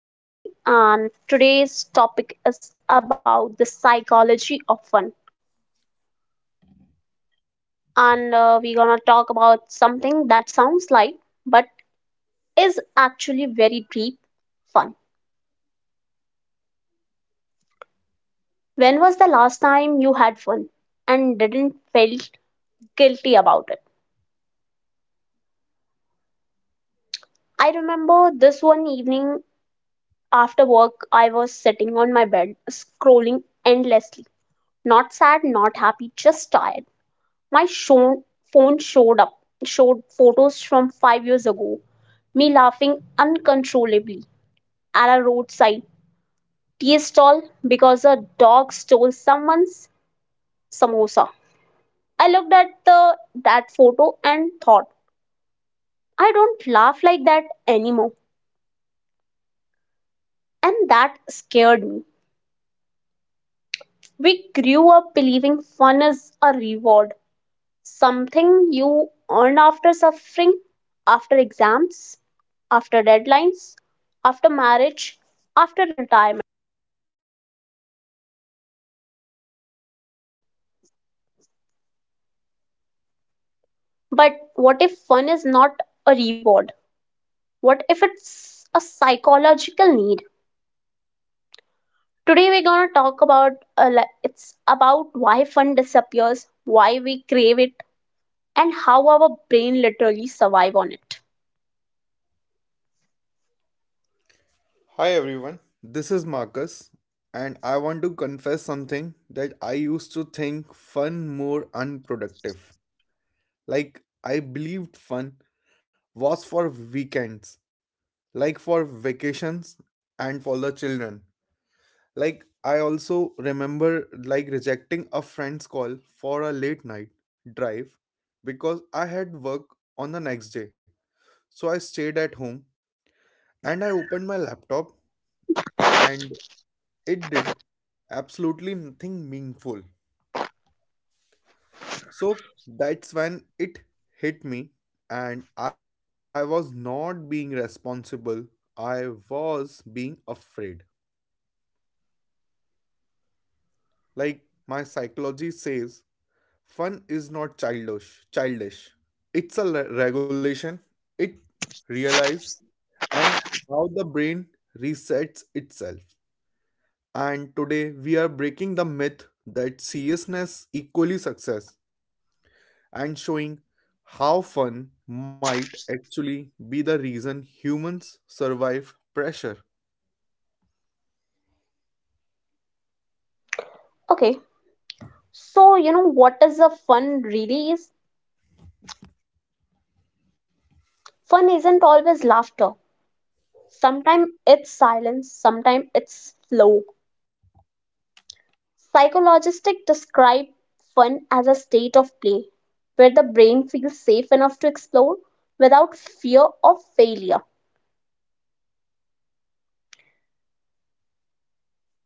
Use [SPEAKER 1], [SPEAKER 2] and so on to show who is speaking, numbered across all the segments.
[SPEAKER 1] this is Jenny and today's topic is about the psychology of fun. And We're gonna talk about something that sounds light but is actually very deep fun. When was the last time you had fun and didn't felt guilty about it? I remember this one evening after work I was sitting on my bed scrolling endlessly. Not sad, not happy, just tired. My show, Phone showed up, showed photos from 5 years ago, me laughing uncontrollably at a roadside tea stall because a dog stole someone's samosa. I looked at the that photo and thought, I don't laugh like that anymore, and that scared me. We grew up believing fun is a reward, something you earn after suffering, after exams, after deadlines, after marriage, after retirement. But what if fun is not a reward? What if it's a psychological need? Today we're gonna talk about it's about why fun disappears, why we crave it, and how our brain literally survive on it.
[SPEAKER 2] Hi everyone, this is Marcus, and I want to confess something that I used to think fun more unproductive. Like, I believed fun was for weekends, like for vacations and for the children. Like, I also remember like rejecting a friend's call for a late night drive because I had work on the next day. So I stayed at home and I opened my laptop and it did absolutely nothing meaningful. So that's when it hit me, and I was not being responsible, I was being afraid. Like my psychology says, fun is not childish. It's a regulation, it realize and how the brain resets itself. And today we are breaking the myth that seriousness equally success, and showing how fun might actually be the reason humans survive pressure.
[SPEAKER 1] Okay, so you know what is a fun really is? Fun isn't always laughter. Sometimes it's silence, sometimes it's flow. Psychologists describe fun as a state of play where the brain feels safe enough to explore without fear of failure.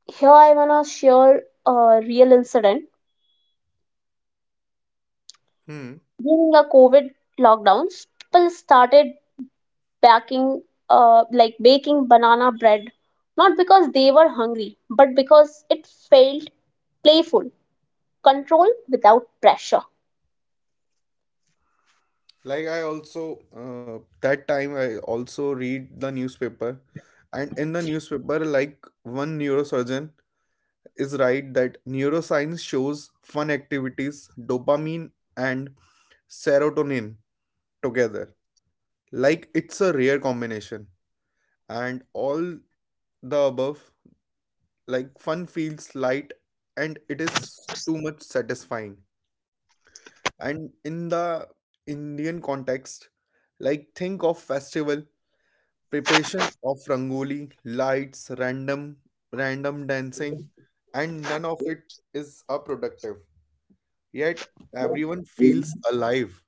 [SPEAKER 1] Here I wanna share a real incident.
[SPEAKER 2] Hmm.
[SPEAKER 1] During the COVID lockdowns, people started baking baking banana bread not because they were hungry, but because it felt playful, control without pressure.
[SPEAKER 2] Like I also that time I also read the newspaper, and in the newspaper, like one neurosurgeon is right that neuroscience shows fun activities, dopamine and serotonin together. Like it's a rare combination, and all the above, like fun feels light and it is too much satisfying. And in the Indian context, like think of festival preparation of rangoli lights, random dancing, and none of it is a productive, yet everyone feels alive.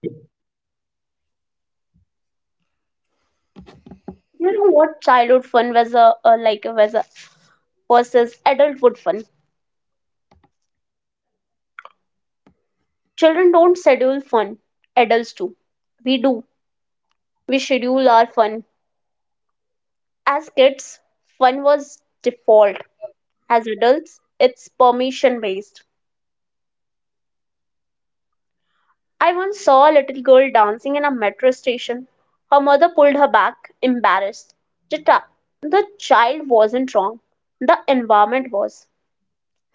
[SPEAKER 1] You know what? Childhood fun was a like was a versus adulthood fun. Children don't schedule fun. Adults do. We do. We schedule our fun. As kids, fun was default. As adults, it's permission based. I once saw a little girl dancing in a metro station. Her mother pulled her back, embarrassed. The, ta- the child wasn't wrong. The environment was.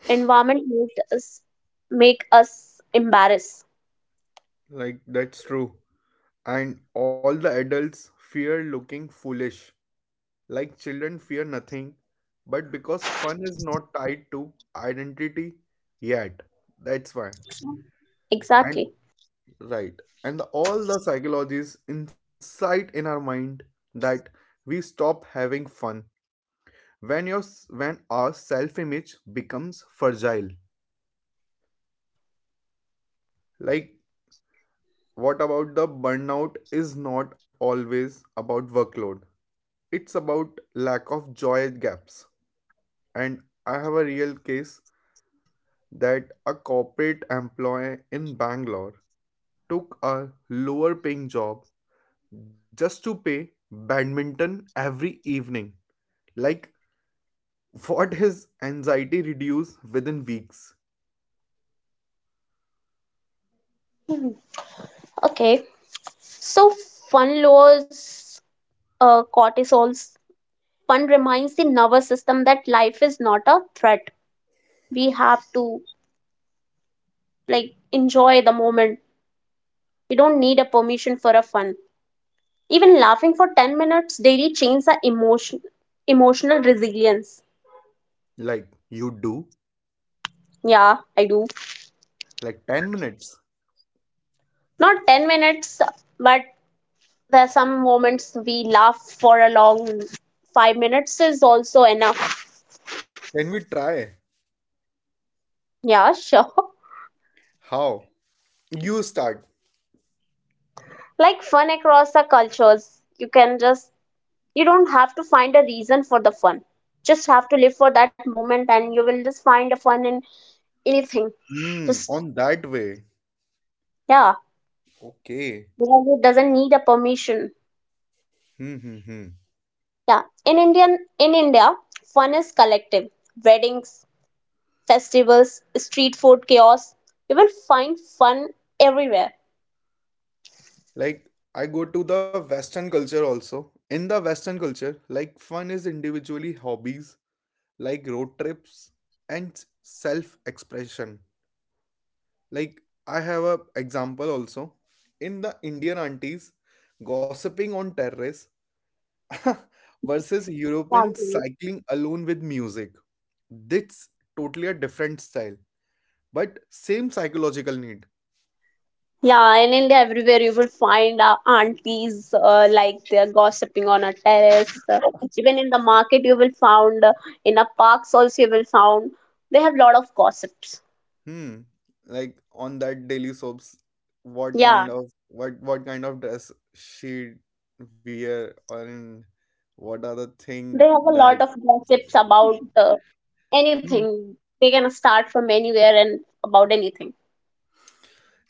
[SPEAKER 1] Environment made us make us embarrassed.
[SPEAKER 2] Like, that's true, and all the adults fear looking foolish. Like children fear nothing, but because fun is not tied to identity yet. That's why. And
[SPEAKER 1] Exactly.
[SPEAKER 2] right. And all the psychologies inside in our mind that we stop having fun when when our self image becomes fragile. Like what about the burnout is not always about workload. It's about lack of joy gaps. And I have a real case that a corporate employee in Bangalore took a lower paying job just to play badminton every evening. Like, what his anxiety reduce within weeks?
[SPEAKER 1] Okay, so fun lowers cortisols. Fun reminds the nervous system that life is not a threat. We have to like enjoy the moment. We don't need a permission for a fun. Even laughing for 10 minutes daily changes the emotional resilience.
[SPEAKER 2] Like, you do?
[SPEAKER 1] Yeah, I do.
[SPEAKER 2] Like 10 minutes.
[SPEAKER 1] Not 10 minutes, but there are some moments we laugh for a long 5 minutes is also enough.
[SPEAKER 2] Can we try?
[SPEAKER 1] Yeah, sure.
[SPEAKER 2] How? You start.
[SPEAKER 1] Like fun across the cultures, you can just, you don't have to find a reason for the fun, just have to live for that moment and you will just find a fun in anything.
[SPEAKER 2] Hmm,
[SPEAKER 1] Just,
[SPEAKER 2] on that way.
[SPEAKER 1] yeah,
[SPEAKER 2] Okay.
[SPEAKER 1] because it doesn't need a permission.
[SPEAKER 2] Hmm, hmm, hmm.
[SPEAKER 1] Yeah, in India fun is collective, weddings, festivals, street food chaos, you will find fun everywhere.
[SPEAKER 2] Like, I go to the Western culture also. In the Western culture, like fun is individually hobbies, like road trips and self expression. Like I have a example also, in the Indian aunties gossiping on terrace versus European cycling alone with music. That's totally a different style, but same psychological need.
[SPEAKER 1] Yeah, in India, everywhere you will find aunties they're gossiping on a terrace. Even in the market, you will find in a parks also you will find they have lot of gossips.
[SPEAKER 2] Hmm. Like on that daily soaps, what
[SPEAKER 1] Yeah,
[SPEAKER 2] kind of what what kind of dress she wear, and what are the thing
[SPEAKER 1] they have a
[SPEAKER 2] that.
[SPEAKER 1] lot of gossips about anything. They can start from anywhere and about anything.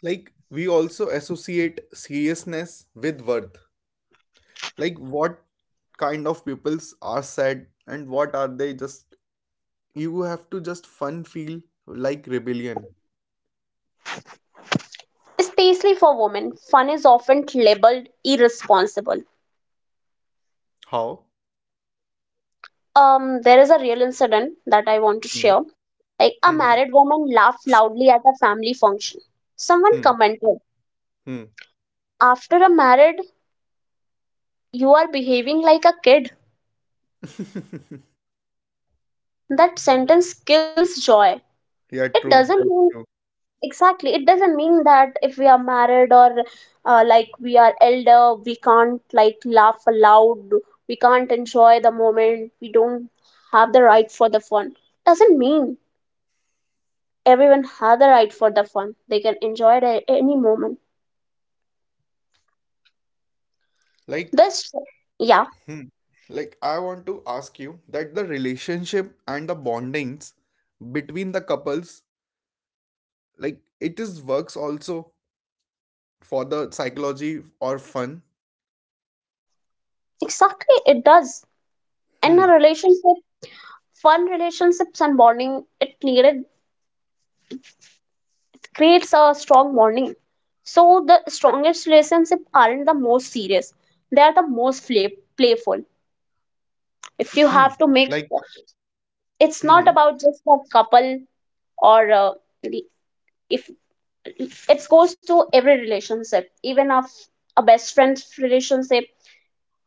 [SPEAKER 2] Like, we also associate seriousness with worth. Like, what kind of peoples are sad and what are they just. You have to just fun feel like rebellion.
[SPEAKER 1] Especially for women, fun is often labeled irresponsible.
[SPEAKER 2] How?
[SPEAKER 1] There is a real incident that I want to
[SPEAKER 2] Hmm.
[SPEAKER 1] share. Like a
[SPEAKER 2] Hmm.
[SPEAKER 1] married woman laughed loudly at a family function. Someone
[SPEAKER 2] Hmm.
[SPEAKER 1] commented,
[SPEAKER 2] Hmm.
[SPEAKER 1] after a married, you are behaving like a kid.
[SPEAKER 2] Hmm.
[SPEAKER 1] That sentence kills joy. It
[SPEAKER 2] Yeah,
[SPEAKER 1] doesn't
[SPEAKER 2] true. That's
[SPEAKER 1] mean,
[SPEAKER 2] true.
[SPEAKER 1] exactly, it doesn't mean that if we are married or we are elder, we can't like laugh aloud, we can't enjoy the moment, we don't have the right for the fun. Doesn't mean everyone had the right for the fun. They can enjoy it at any moment.
[SPEAKER 2] Like,
[SPEAKER 1] This, yeah,
[SPEAKER 2] hmm, like I want to ask you that the relationship and the bondings between the couples, like it is works also for the psychology or fun.
[SPEAKER 1] exactly, it does. In
[SPEAKER 2] Hmm.
[SPEAKER 1] a relationship, fun relationships and bonding, it needed creates a strong bonding. So the strongest relationship aren't the most serious; they are the most playful.
[SPEAKER 2] Hmm.
[SPEAKER 1] If you have
[SPEAKER 2] Like,
[SPEAKER 1] to make, sure,
[SPEAKER 2] hmm,
[SPEAKER 1] it's not about just a couple or the- if it goes to every relationship even of a best friend's relationship,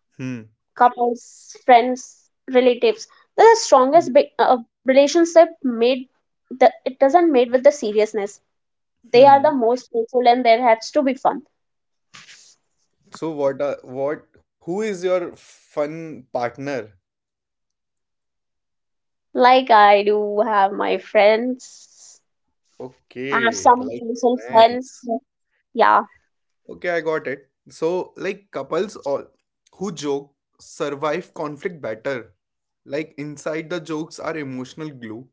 [SPEAKER 2] hmm,
[SPEAKER 1] couples, friends, relatives. The
[SPEAKER 2] hmm,
[SPEAKER 1] strongest big, relationship made the it doesn't made with the seriousness. They are the
[SPEAKER 2] hmm.
[SPEAKER 1] most playful and there has to be fun.
[SPEAKER 2] So what are what? Who is your fun partner?
[SPEAKER 1] Like I do have my friends, have
[SPEAKER 2] Okay,
[SPEAKER 1] some
[SPEAKER 2] like
[SPEAKER 1] playful
[SPEAKER 2] friends.
[SPEAKER 1] friends. Yeah,
[SPEAKER 2] Okay, I got it. So like couples all who joke survive conflict better. Like inside the jokes are emotional glue,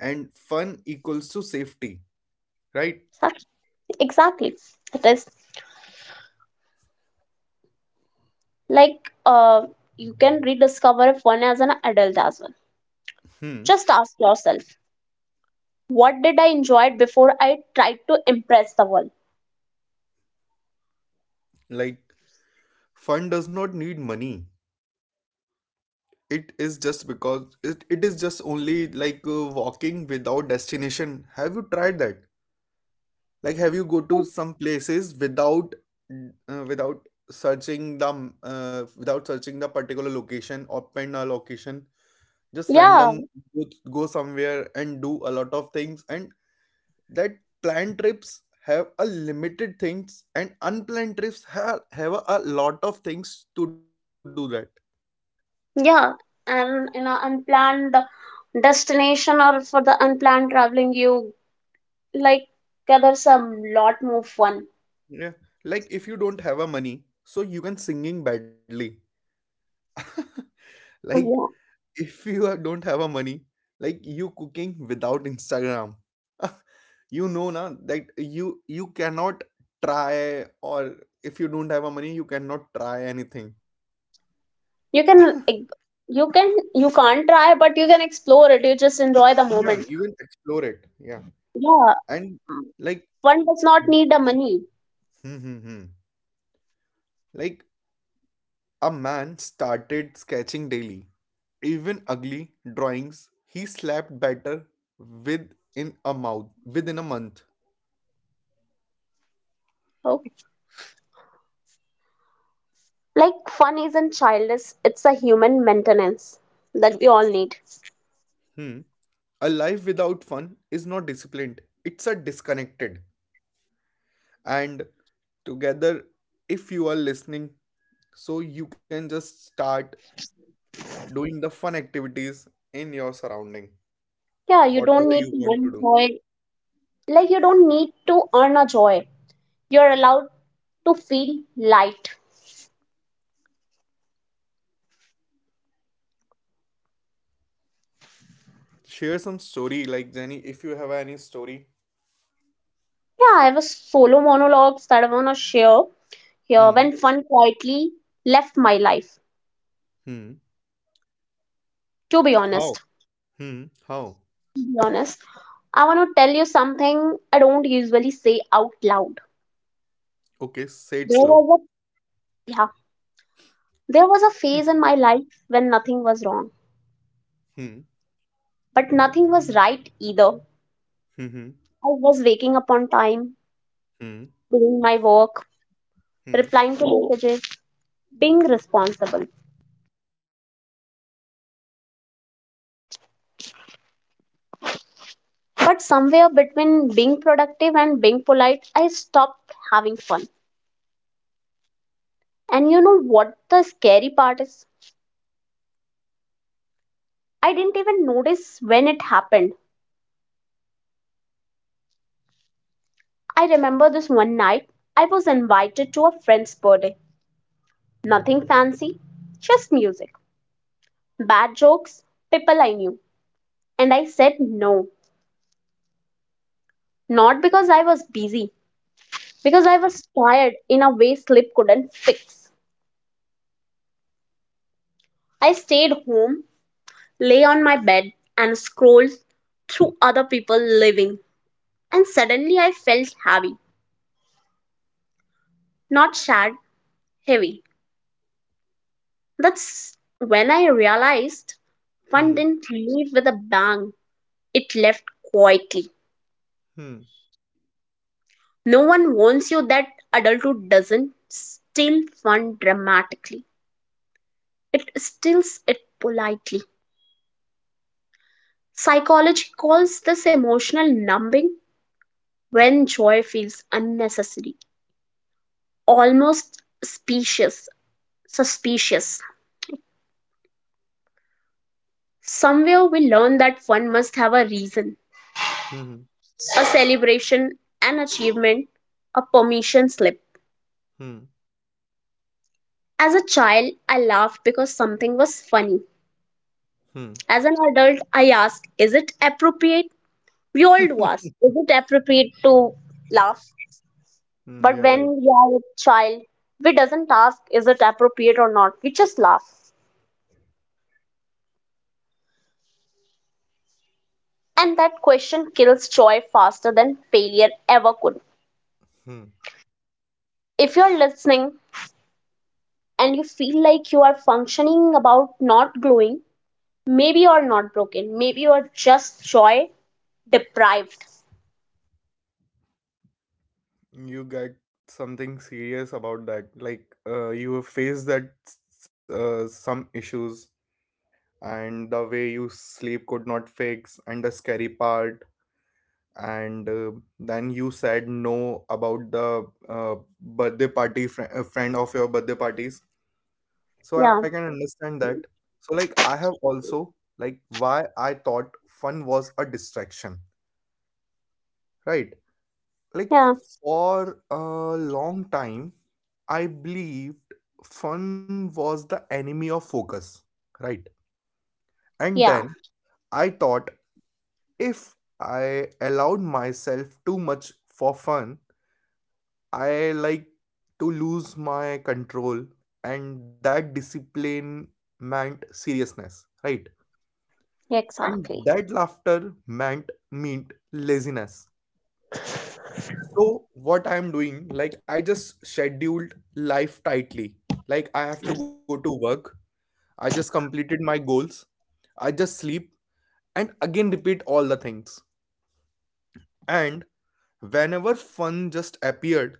[SPEAKER 2] and fun equals to safety, right?
[SPEAKER 1] such- exactly. It is like you can rediscover fun as an adult as well.
[SPEAKER 2] Hmm.
[SPEAKER 1] Just ask yourself, what did I enjoy before I tried to impress the world?
[SPEAKER 2] Like fun does not need money. It is just because it is just only like walking without destination. Have you tried that? Like have you go to some places without searching the particular location or pin a location? Just
[SPEAKER 1] Yeah.
[SPEAKER 2] random go, go somewhere and do a lot of things. And that planned trips have a limited things, and unplanned trips have a lot of things to do that.
[SPEAKER 1] Yeah, and in an unplanned destination or for the unplanned traveling, you like gathers a lot more fun.
[SPEAKER 2] Yeah. Like if you don't have a money, so you can singing badly. Like
[SPEAKER 1] Yeah.
[SPEAKER 2] if don't have a money, like you cooking without Instagram. You know na that you cannot try, or if you don't have a money, you cannot try anything.
[SPEAKER 1] You can like, you can you can't try, but you can explore it. You just enjoy the
[SPEAKER 2] Yeah, even
[SPEAKER 1] moment.
[SPEAKER 2] explore it. Yeah.
[SPEAKER 1] Yeah,
[SPEAKER 2] And like
[SPEAKER 1] fun does not need the money.
[SPEAKER 2] hmm, hmm, hmm. like a man started sketching daily. Even ugly drawings, he slapped better within a month.
[SPEAKER 1] Okay. Like fun isn't childish; it's a human maintenance that we all need.
[SPEAKER 2] Hmm. A life without fun is not disciplined, it's a disconnected. And together, if you are listening, so you can just start doing the fun activities in your surrounding,
[SPEAKER 1] Yeah, you don't
[SPEAKER 2] whatever you
[SPEAKER 1] need to
[SPEAKER 2] want to
[SPEAKER 1] earn
[SPEAKER 2] do.
[SPEAKER 1] joy. Like you don't need to earn a joy. You're allowed to feel light.
[SPEAKER 2] Share some story, like Jenny, if you have any story.
[SPEAKER 1] Yeah, I was solo monologues that I want to share here when
[SPEAKER 2] Hmm.
[SPEAKER 1] fun quietly left my life.
[SPEAKER 2] Hmm.
[SPEAKER 1] To be
[SPEAKER 2] How?
[SPEAKER 1] honest,
[SPEAKER 2] Hmm. How?
[SPEAKER 1] to be honest, I want to tell you something I don't usually say out loud.
[SPEAKER 2] Okay, say it
[SPEAKER 1] There
[SPEAKER 2] slow.
[SPEAKER 1] was a yeah, there was
[SPEAKER 2] Hmm.
[SPEAKER 1] a phase in my life when nothing was wrong,
[SPEAKER 2] Hmm.
[SPEAKER 1] but nothing was right either.
[SPEAKER 2] Hmm.
[SPEAKER 1] I was waking up on time,
[SPEAKER 2] Hmm.
[SPEAKER 1] doing my work,
[SPEAKER 2] Hmm.
[SPEAKER 1] replying to messages, being responsible. But somewhere between being productive and being polite, I stopped having fun. And you know what the scary part is? I didn't even notice when it happened. I remember this one night I was invited to a friend's birthday. Nothing fancy, just music, bad jokes, people I knew. And I said no. Not because I was busy, because I was tired in a way sleep couldn't fix. I stayed home, lay on my bed, and scrolled through other people living. And suddenly I felt heavy. Not sad, heavy. That's when I realized
[SPEAKER 2] Hmm.
[SPEAKER 1] fun didn't leave with a bang, it left quietly.
[SPEAKER 2] Hmm.
[SPEAKER 1] No one warns you that adulthood doesn't steal fun dramatically, it steals it politely. Psychology calls this emotional numbing when joy feels unnecessary, almost suspicious. Somewhere we learn that fun must have a reason,
[SPEAKER 2] Hmm. Hmm.
[SPEAKER 1] a celebration, an achievement, a permission slip.
[SPEAKER 2] Hmm.
[SPEAKER 1] As a child, I laughed because something was funny.
[SPEAKER 2] Hmm,
[SPEAKER 1] As an adult, I ask, is it appropriate? We all do ask, is it appropriate to laugh?
[SPEAKER 2] mm, yeah,
[SPEAKER 1] But
[SPEAKER 2] right.
[SPEAKER 1] when we are a child, we doesn't ask, is it appropriate or not? We just laugh. And that question kills joy faster than failure ever could.
[SPEAKER 2] Hmm.
[SPEAKER 1] If you're listening and you feel like you are functioning about not glowing, maybe you're not broken. Maybe you're just joy deprived.
[SPEAKER 2] You got something serious about that. Like, you have faced some issues, and the way you sleep could not fix, and the scary part, and then you said no about the birthday party fr friend of your birthday parties. So I can
[SPEAKER 1] Yeah,
[SPEAKER 2] understand that. So like, I have also, like why I thought fun was a distraction, right? Like
[SPEAKER 1] yeah,
[SPEAKER 2] for a long time I believed fun was the enemy of focus, right? And
[SPEAKER 1] yeah.
[SPEAKER 2] then I thought if I allowed myself too much for fun, I like to lose my control, and that discipline meant seriousness, right? And
[SPEAKER 1] Exactly.
[SPEAKER 2] that laughter meant meant laziness. So what I'm doing, like I just scheduled life tightly. Like I have to go to work. I just completed my goals. I just sleep and again repeat all the things. And whenever fun just appeared,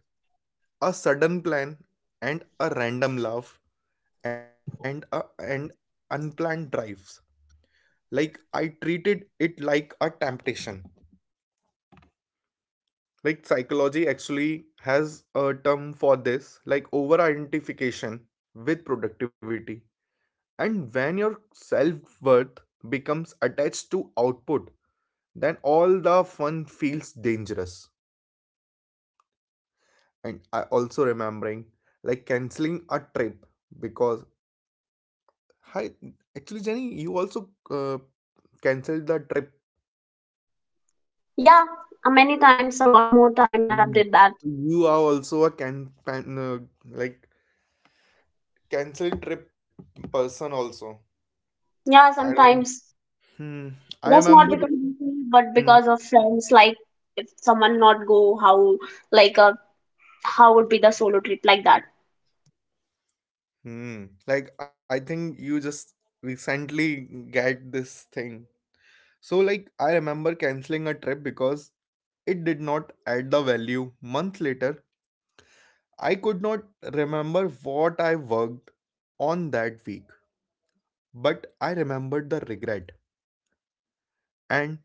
[SPEAKER 2] a sudden plan and a random laugh and a and unplanned drives. Like I treated it like a temptation. Like psychology actually has a term for this, like over identification with productivity. And when your self worth becomes attached to output, then all the fun feels dangerous. And I also remembering like canceling a trip because, hi, actually Jenny, you also canceled the trip.
[SPEAKER 1] Yeah, many times, a lot more time I have
[SPEAKER 2] Mm.
[SPEAKER 1] did that.
[SPEAKER 2] You are also a like cancel trip person also.
[SPEAKER 1] Yeah,
[SPEAKER 2] I don't.
[SPEAKER 1] sometimes
[SPEAKER 2] Hmm. I
[SPEAKER 1] that's not
[SPEAKER 2] remember.
[SPEAKER 1] because of me, but
[SPEAKER 2] Hmm.
[SPEAKER 1] because of friends. Like if someone not go, how like how would be the solo trip like that?
[SPEAKER 2] Hmm. Like I think you just recently get this thing. So, like, I remember canceling a trip because it did not add the value. Months later, I could not remember what I worked on that week, but I remembered the regret. And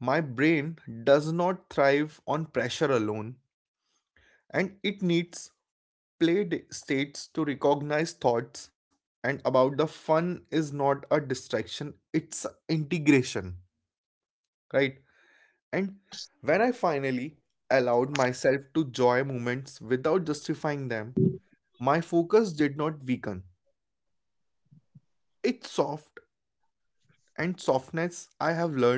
[SPEAKER 2] my brain does not thrive on pressure alone, and it needs played states to recognize thoughts. And about the fun is not a distraction, it's integration, right? And when I finally allowed myself to joy moments without justifying them, my focus did not weaken. It's soft, and softness I have learned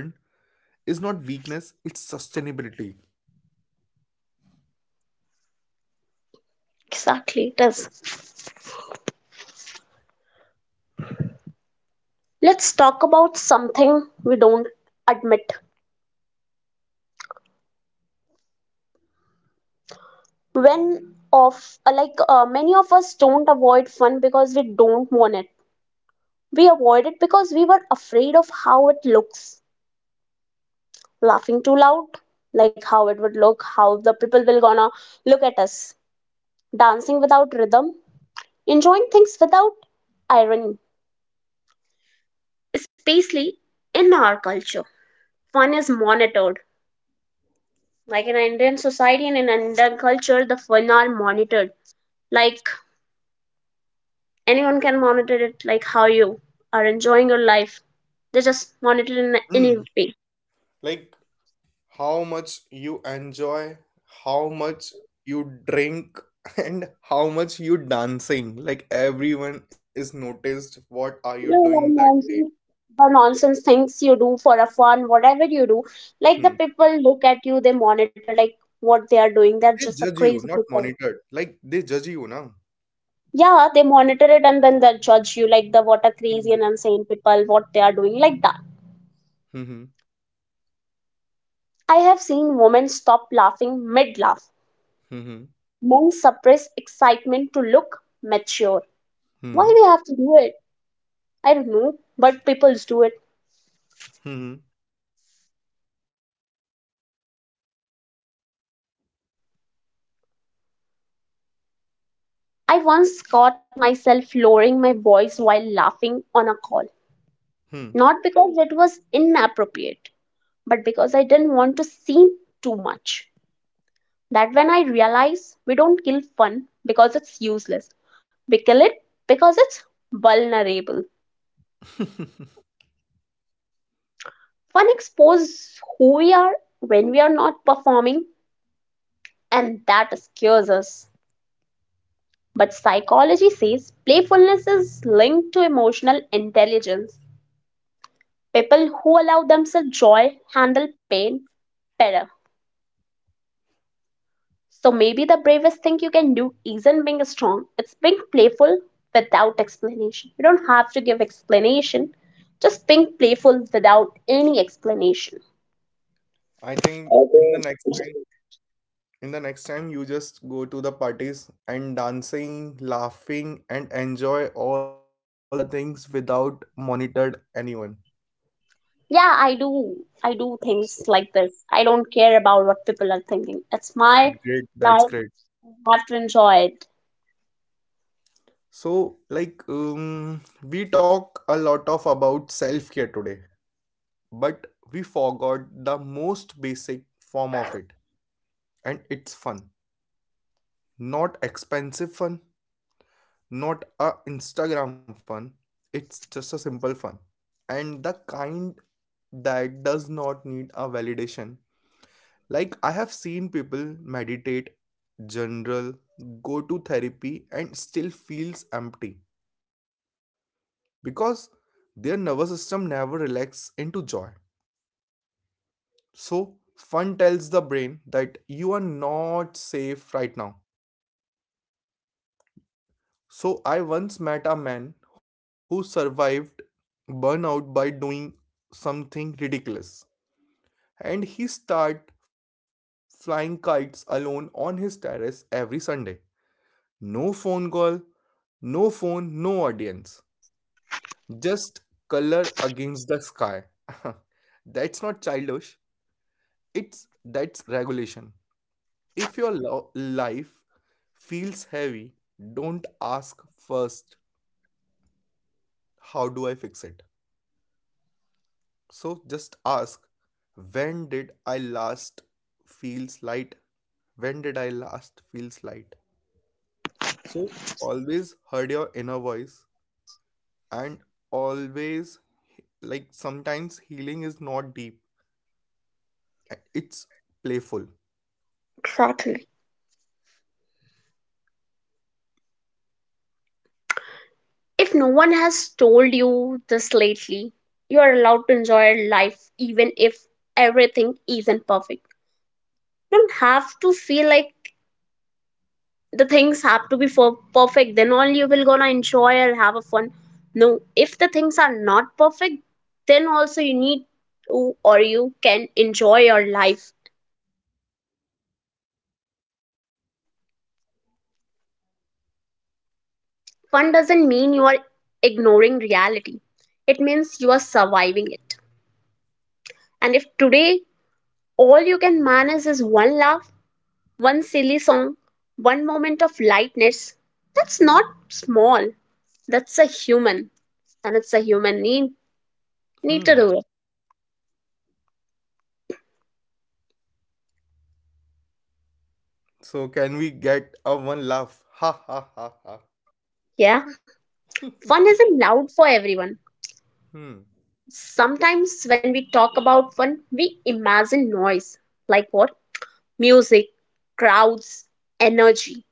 [SPEAKER 2] is not weakness, it's sustainability.
[SPEAKER 1] Exactly, it is. Let's talk about something we don't admit. When of many of us don't avoid fun because we don't want it. We avoid it because we were afraid of how it looks. Laughing too loud, like how it would look, how the people will gonna look at us, dancing without rhythm, enjoying things without irony. Especially in our culture fun is monitored, like in Indian society and in Indian culture the fun are monitored. Like anyone can monitor it, like how you are enjoying your life, they just monitor in any
[SPEAKER 2] Hmm.
[SPEAKER 1] way.
[SPEAKER 2] Like how much you enjoy, how much you drink, and how much you dancing. Like everyone is noticed what are you
[SPEAKER 1] Yeah,
[SPEAKER 2] doing
[SPEAKER 1] yeah,
[SPEAKER 2] that day.
[SPEAKER 1] nonsense, the nonsense things you do for a fun, whatever you do, like the
[SPEAKER 2] Hmm.
[SPEAKER 1] people look at you, they monitor like what they are doing. They're
[SPEAKER 2] They
[SPEAKER 1] just a
[SPEAKER 2] judge you,
[SPEAKER 1] crazy
[SPEAKER 2] not
[SPEAKER 1] people.
[SPEAKER 2] monitored. Like they judge you now.
[SPEAKER 1] Yeah, they monitor it and then they judge you like the what a
[SPEAKER 2] Hmm.
[SPEAKER 1] crazy and insane people, what they are doing, like that.
[SPEAKER 2] Hmm.
[SPEAKER 1] I have seen women stop laughing mid laugh.
[SPEAKER 2] Mhm.
[SPEAKER 1] Men suppress excitement to look mature. Why
[SPEAKER 2] Hmm.
[SPEAKER 1] we have to do it? I don't know, but people do it.
[SPEAKER 2] Hmm.
[SPEAKER 1] I once caught myself lowering my voice while laughing on a call.
[SPEAKER 2] Hmm.
[SPEAKER 1] Not because it was inappropriate, but because I didn't want to seem too much. That when I realize we don't kill fun because it's useless, we kill it because it's vulnerable. Fun exposes who we are when we are not performing, and that scares us. But psychology says playfulness is linked to emotional intelligence. People who allow themselves joy handle pain better. So maybe the bravest thing you can do isn't being strong, it's being playful without explanation. You don't have to give explanation, just being playful without any explanation.
[SPEAKER 2] I think in the next time,
[SPEAKER 1] Okay.
[SPEAKER 2] in the next time, you just go to the parties and dancing, laughing, and enjoy all the things without monitored anyone.
[SPEAKER 1] Yeah, I do. I do
[SPEAKER 2] So
[SPEAKER 1] things like this. I don't care about what people are thinking. It's my
[SPEAKER 2] great, that's
[SPEAKER 1] life.
[SPEAKER 2] great.
[SPEAKER 1] I have to enjoy it.
[SPEAKER 2] So like we talk a lot of about self-care today, but we forgot the most basic form of it, and it's fun, not expensive fun. Not a Instagram fun, it's just a simple fun, and the kind that does not need a validation. Like I have seen people meditate general, go to therapy, and still feels empty, because their nervous system never relaxes into joy. So fun tells the brain that you are not safe right now. So I once met a man who survived burnout by doing something ridiculous. And he started flying kites alone on his terrace every Sunday. No phone call, no phone, no audience. Just color against the sky. That's not childish. It's that's regulation. If your life feels heavy, don't ask first, how do I fix it? So just ask, when did I last feel light? When did I last feel light? So always heard your inner voice, and always, like sometimes healing is not deep. It's playful.
[SPEAKER 1] Exactly. If no one has told you this lately, you are allowed to enjoy life even if everything isn't perfect. You don't have to feel like the things have to be for perfect then only you will gonna enjoy or have a fun. No, if the things are not perfect then also you need to or you can enjoy your life. Fun doesn't mean you are ignoring reality, it means you are surviving it. And if today all you can manage is one laugh, one silly song, one moment of lightness, that's not small, that's a human and it's a human need. Need to
[SPEAKER 2] Hmm.
[SPEAKER 1] do it.
[SPEAKER 2] So can we get a one laugh? Ha ha ha ha.
[SPEAKER 1] Yeah. Fun isn't loud for everyone.
[SPEAKER 2] Hmm.
[SPEAKER 1] Sometimes when we talk about fun, we imagine noise. Like what? Music, crowds, energy.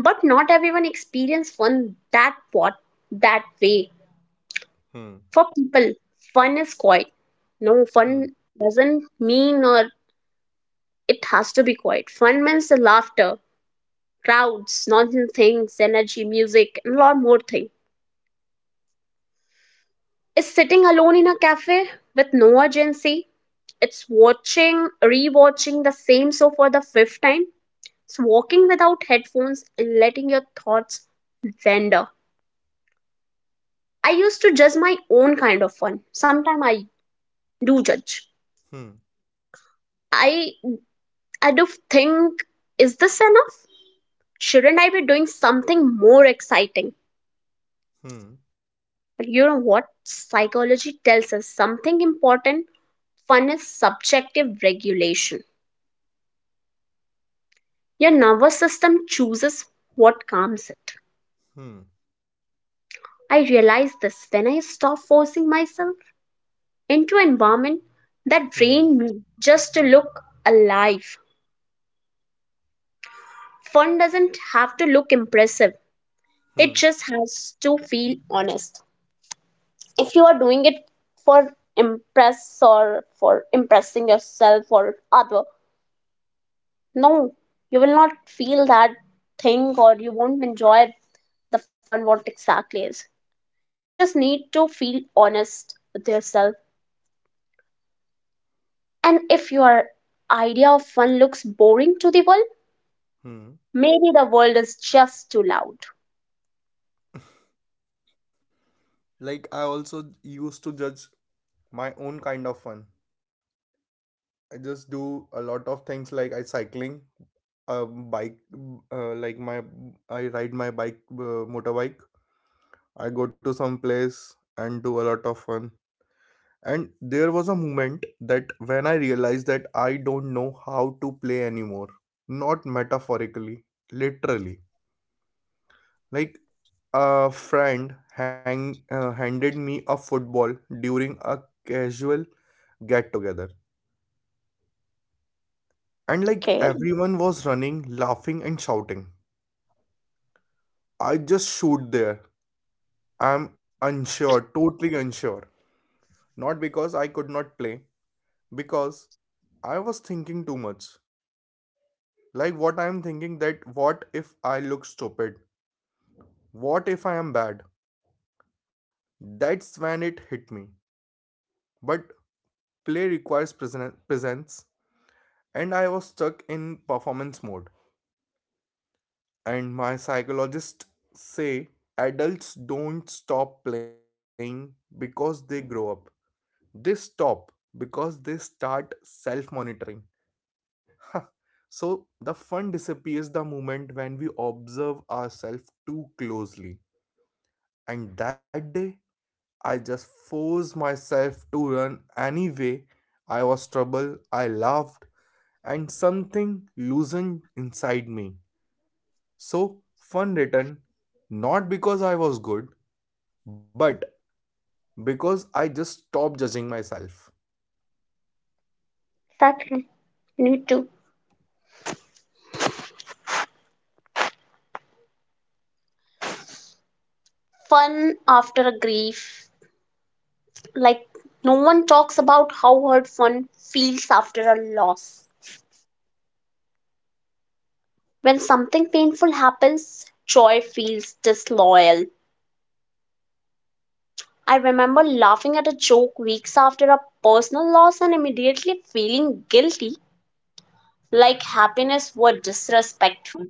[SPEAKER 1] But not everyone experience fun that way.
[SPEAKER 2] Hmm.
[SPEAKER 1] For people, fun is quiet. No,
[SPEAKER 2] Hmm.
[SPEAKER 1] fun doesn't mean or it has to be quiet. Fun means the laughter, crowds, nonsense things, energy, music, and a lot more things. Is sitting alone in a cafe with no urgency, it's watching rewatching the same show for the fifth time, it's walking without headphones and letting your thoughts wander. I used to judge my own kind of fun. Sometimes i do judge
[SPEAKER 2] Hmm.
[SPEAKER 1] i do think, is this enough? Shouldn't I be doing something more exciting?
[SPEAKER 2] Hmm.
[SPEAKER 1] But you know what, psychology tells us something important. Fun is subjective regulation. Your nervous system chooses what calms it.
[SPEAKER 2] Hmm.
[SPEAKER 1] I realized this when I stopped forcing myself into an environment that drained
[SPEAKER 2] Hmm.
[SPEAKER 1] me just to look alive. Fun doesn't have to look impressive, it
[SPEAKER 2] Hmm.
[SPEAKER 1] just has to feel honest. If you are doing it for impress or for impressing yourself or other, no, you will not feel that thing or you won't enjoy the fun what exactly is. It just need to feel honest with yourself. And if your idea of fun looks boring to the world,
[SPEAKER 2] Hmm.
[SPEAKER 1] maybe the world is just too loud.
[SPEAKER 2] Like I also used to judge my own kind of fun. I just do a lot of things like I cycling, bike, like my I ride my bike, motorbike. I go to some place and do a lot of fun. And there was a moment that when I realized that I don't know how to play anymore. Not metaphorically, literally. Like a friend hang handed me a football during a casual get together. And like
[SPEAKER 1] Okay.
[SPEAKER 2] everyone was running, laughing, and shouting. I just shoot there. I'm unsure, totally unsure. Not because I could not play, because I was thinking too much. Like what I'm thinking, that what if I look stupid? What if I am bad? That's when it hit me. But play requires presence, and I was stuck in performance mode. And my psychologist say adults don't stop playing because they grow up. They stop because they start self monitoring. So the fun disappears the moment when we observe ourselves too closely. And that day, I just forced myself to run anyway. I was troubled, I laughed, and something loosened inside me. So fun returned, not because I was good, but because I just stopped judging myself.
[SPEAKER 1] Exactly. Need to. Fun after a grief. Like, no one talks about how hurt fun feels after a loss. When something painful happens, joy feels disloyal. I remember laughing at a joke weeks after a personal loss and immediately feeling guilty, like happiness were disrespectful.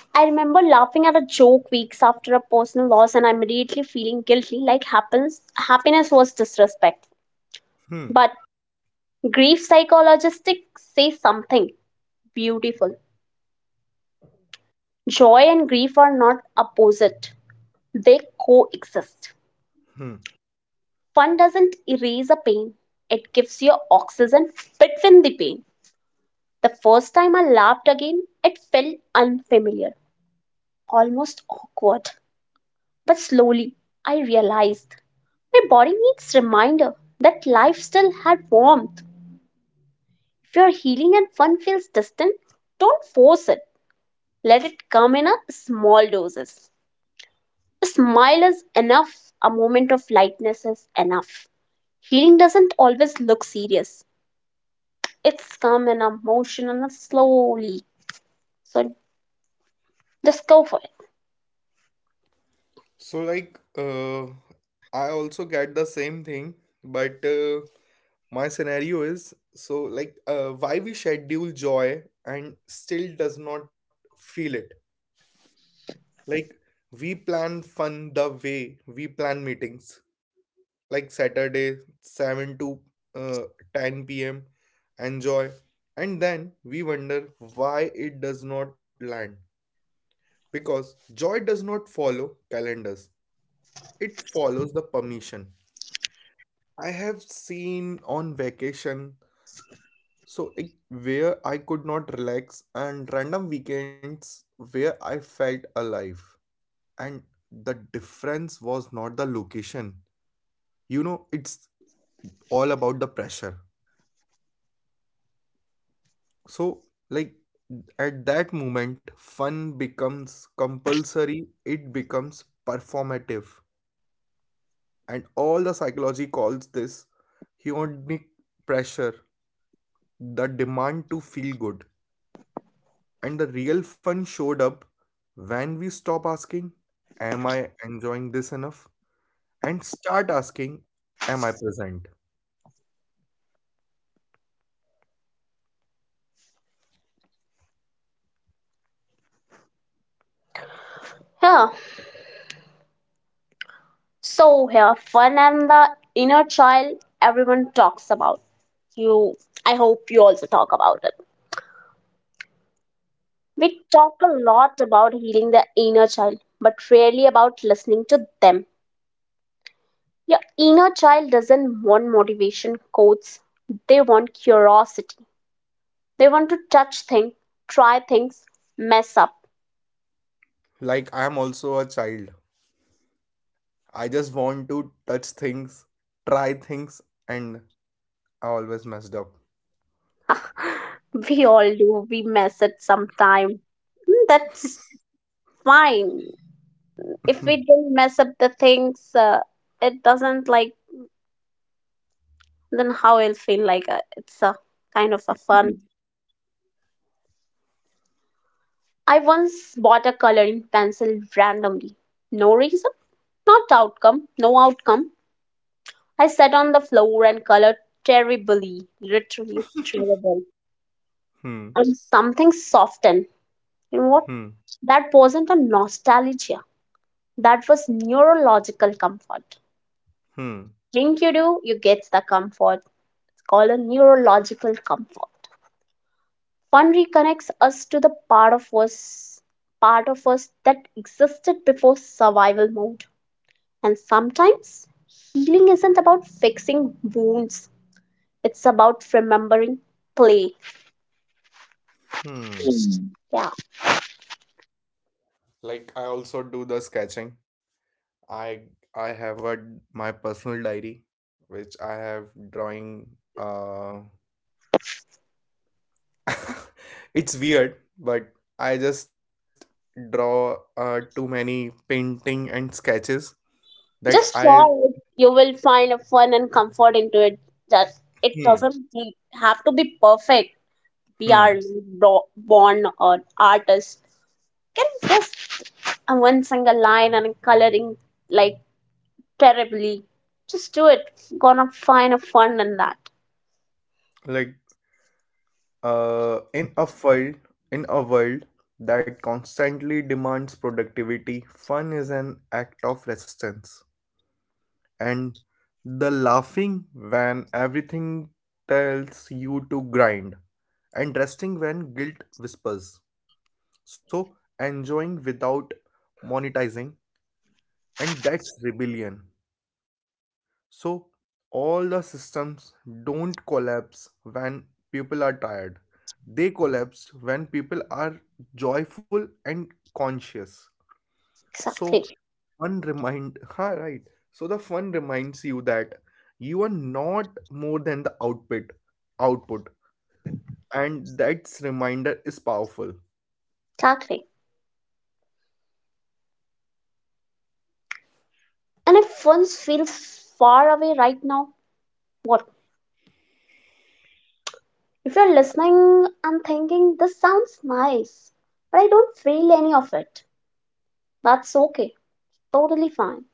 [SPEAKER 1] I remember laughing at a joke weeks after a personal loss and immediately feeling guilty like happens happiness was disrespect.
[SPEAKER 2] Hmm.
[SPEAKER 1] But grief psychologists say something beautiful. Joy and grief are not opposite. They coexist.
[SPEAKER 2] Hmm.
[SPEAKER 1] Fun doesn't erase a pain. It gives you oxygen between the pain. The first time I laughed again, it felt unfamiliar, almost awkward. But slowly, I realized my body needs reminder that life still had warmth. If your healing and fun feels distant, don't force it. Let it come in a small doses. A smile is enough. A moment of lightness is enough. Healing doesn't always look serious. It's come in a motion and a slowly. So just go for it.
[SPEAKER 2] So, like, uh, I also get the same thing, but my scenario is so, why we schedule joy and still does not feel it. Like, we plan fun the way we plan meetings, like Saturday, 7 to uh, 10 p.m., enjoy, and then we wonder why it does not land because joy does not follow calendars, it follows the permission. I have seen on vacation, so it, where I could not relax, and random weekends where I felt alive. And the difference was not the location. You know, it's all about the pressure. So, like, at that moment, fun becomes compulsory, it becomes performative. And all the psychology calls this hedonic pressure, the demand to feel good. And the real fun showed up when we stop asking, am I enjoying this enough? And start asking, am I present?
[SPEAKER 1] Yeah. So here, fun and the inner child everyone talks about. You, I hope you also talk about it. We talk a lot about healing the inner child, but rarely about listening to them. Your inner child doesn't want motivation quotes. They want curiosity. They want to touch things, try things, mess up.
[SPEAKER 2] Like, I am also a child. I just want to touch things, try things, and I always messed up.
[SPEAKER 1] We all do. We mess it sometime. Mm, that's fine. If we don't mess up the things, it doesn't like, then how it'll feel? Like, it's a kind of a fun.
[SPEAKER 2] Mhm.
[SPEAKER 1] I once bought a coloring pencil randomly, no reason, not outcome no outcome. I sat on the floor and colored terribly, literally terrible,
[SPEAKER 2] Hmm,
[SPEAKER 1] and something softened. You know what,
[SPEAKER 2] hmm,
[SPEAKER 1] that wasn't a nostalgia, that was neurological comfort.
[SPEAKER 2] hmm,
[SPEAKER 1] Think you, do you get the comfort? It's called a neurological comfort. Fun reconnects us to the part of us that existed before survival mode. And sometimes healing isn't about fixing wounds, it's about remembering play.
[SPEAKER 2] hmm.
[SPEAKER 1] Mm. Yeah.
[SPEAKER 2] Like I also do the sketching. I I have a my personal diary, which I have drawing. Uh, it's weird, but I just draw too many painting and sketches that I
[SPEAKER 1] Just try it. You will find a fun and comfort into it. Just it
[SPEAKER 2] hmm,
[SPEAKER 1] doesn't have to be perfect. We are
[SPEAKER 2] hmm,
[SPEAKER 1] born or artists. Can just a one single line and a coloring like terribly. Just do it. Gonna find a fun in that.
[SPEAKER 2] like uh in a world in a world that constantly demands productivity, fun is an act of resistance. And the laughing when everything tells you to grind and resting when guilt whispers. So enjoying without monetizing, and that's rebellion. So, all the systems don't collapse when people are tired, they collapse when people are joyful and conscious. So,
[SPEAKER 1] Exactly.
[SPEAKER 2] fun remind, ha, right? So, the fun reminds you that you are not more than the output, and that's reminder is powerful.
[SPEAKER 1] Exactly. And if fun feels far away right now, what? If you're listening and thinking, this sounds nice, but I don't feel any of it, that's okay. Totally fine.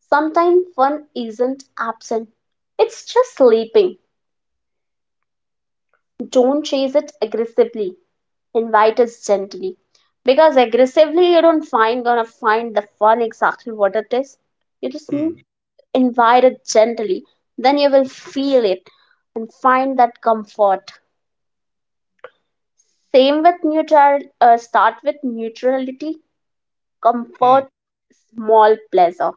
[SPEAKER 1] Sometimes fun isn't absent, it's just sleeping. Don't chase it aggressively, invite it gently. Because aggressively, you don't find gonna find the fun exactly what it is. You just need
[SPEAKER 2] Hmm,
[SPEAKER 1] invite it gently, then you will feel it and find that comfort. Same with neutral, start with neutrality,
[SPEAKER 2] hmm,
[SPEAKER 1] comfort, small pleasure.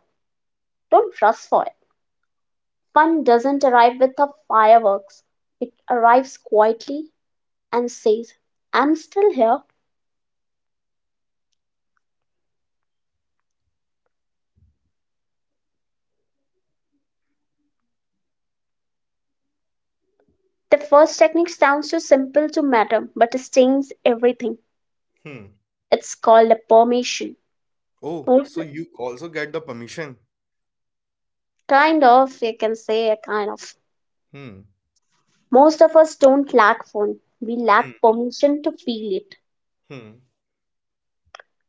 [SPEAKER 1] Don't rush for it. Fun doesn't arrive with the fireworks, it arrives quietly and says, I'm still here. The first technique sounds too simple to matter, but it changes everything.
[SPEAKER 2] hmm.
[SPEAKER 1] It's called a permission.
[SPEAKER 2] Oh, so you also get the permission.
[SPEAKER 1] Kind of, you can say a kind of.
[SPEAKER 2] Hmm,
[SPEAKER 1] Most of us don't lack fun, we lack
[SPEAKER 2] hmm,
[SPEAKER 1] permission to feel it.
[SPEAKER 2] hmm,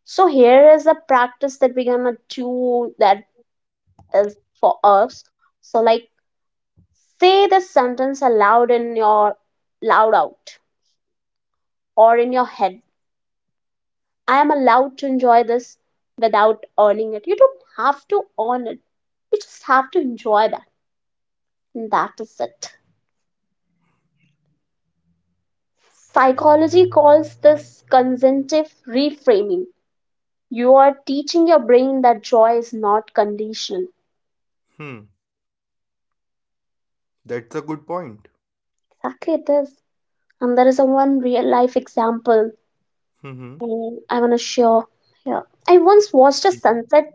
[SPEAKER 1] So, here is a practice that we're gonna do that is for us. So, like, say this sentence aloud in your loud out or in your head. I am allowed to enjoy this without earning it. You don't have to earn it, you just have to enjoy that, and that is it. Psychology calls this consentive reframing. You are teaching your brain that joy is not conditional.
[SPEAKER 2] hmm. That's a good point.
[SPEAKER 1] Exactly, it is. And there is a one real life example,
[SPEAKER 2] Hmm.
[SPEAKER 1] I want to share. Yeah. I once watched a
[SPEAKER 2] Mm.
[SPEAKER 1] sunset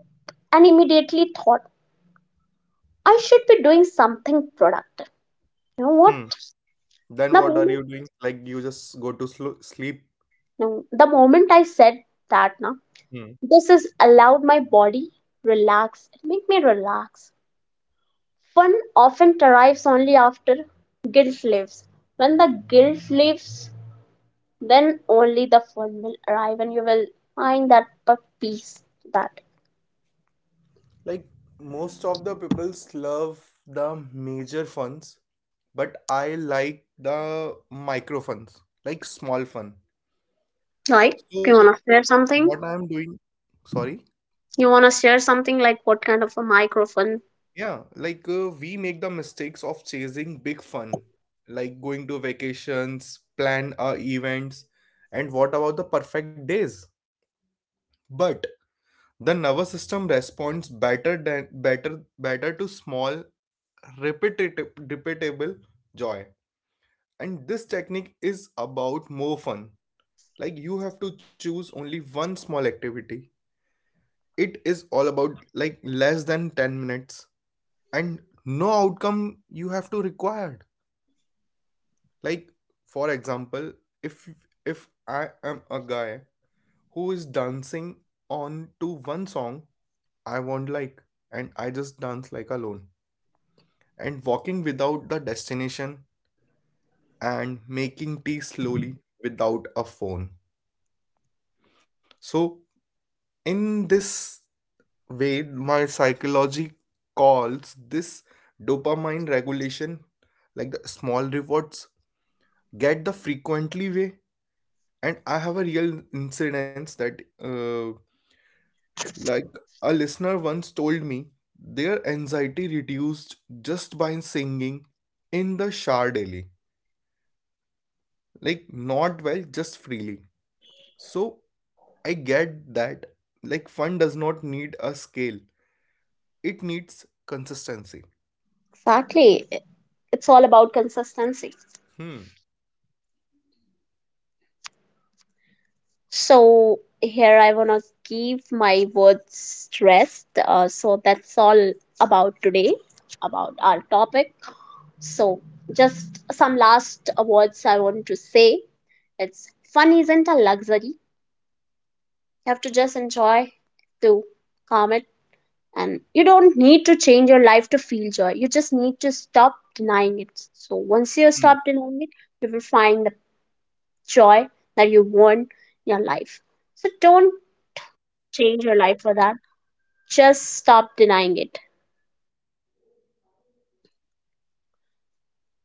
[SPEAKER 1] and immediately thought I should be doing something productive. You know what?
[SPEAKER 2] Hmm. Then
[SPEAKER 1] The
[SPEAKER 2] what are
[SPEAKER 1] moment,
[SPEAKER 2] you doing? Like you just go to sleep.
[SPEAKER 1] no, the moment I said that, now
[SPEAKER 2] Mm.
[SPEAKER 1] this has allowed my body relax. It made me relax. Fun often arrives only after guilt leaves. When the guilt leaves, then only the fun will arrive and you will find that but peace to that.
[SPEAKER 2] Like most of the peoples love the major funds, but I like the micro funds, like small fun.
[SPEAKER 1] Right?
[SPEAKER 2] So
[SPEAKER 1] You wanna share
[SPEAKER 2] what
[SPEAKER 1] something?
[SPEAKER 2] I'm doing, sorry,
[SPEAKER 1] You wanna share something like what kind of a microphone?
[SPEAKER 2] yeah, like we make the mistakes of chasing big fun, like going to vacations, plan our events, and what about the perfect days? But the nervous system responds better than better to small repetitive repeatable joy. And this technique is about more fun. Like you have to choose only one small activity. It is all about like less than 10 minutes and no outcome you have to required. Like for example, if if I am a guy who is dancing on to one song I want like, and I just dance like alone, and walking without the destination, and making tea slowly without a phone. So, in this way, my psychology calls this dopamine regulation, like the small rewards get the frequently way. And I have a real incidence that, like, a listener once told me their anxiety reduced just by singing in the shower daily, like, not well, just freely. So I get that like fun does not need a scale. It needs consistency.
[SPEAKER 1] Exactly. It's all about consistency.
[SPEAKER 2] Hmm.
[SPEAKER 1] So here I wanna give my words rest. So that's all about today, about our topic. So just some last words I want to say. It's fun isn't a luxury. You have to just enjoy to calm it. And you don't need to change your life to feel joy. You just need to stop denying it. So once you
[SPEAKER 2] Hmm.
[SPEAKER 1] stop denying it, you will find the joy that you want in your life. So don't change your life for that. Just stop denying it.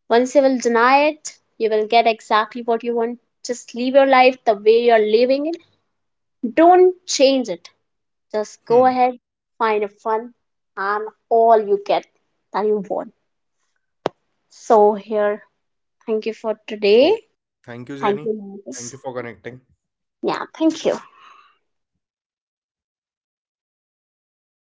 [SPEAKER 1] Once you will deny it, you will get exactly what you want. Just live your life the way you're living it. Don't change it. Just
[SPEAKER 2] Hmm.
[SPEAKER 1] go ahead, find a fun, and all you get that you want. So here, thank you for today.
[SPEAKER 2] So thank you,
[SPEAKER 1] Thank
[SPEAKER 2] Jenny.
[SPEAKER 1] you,
[SPEAKER 2] Thank
[SPEAKER 1] Max.
[SPEAKER 2] you for connecting.
[SPEAKER 1] Yeah, thank you.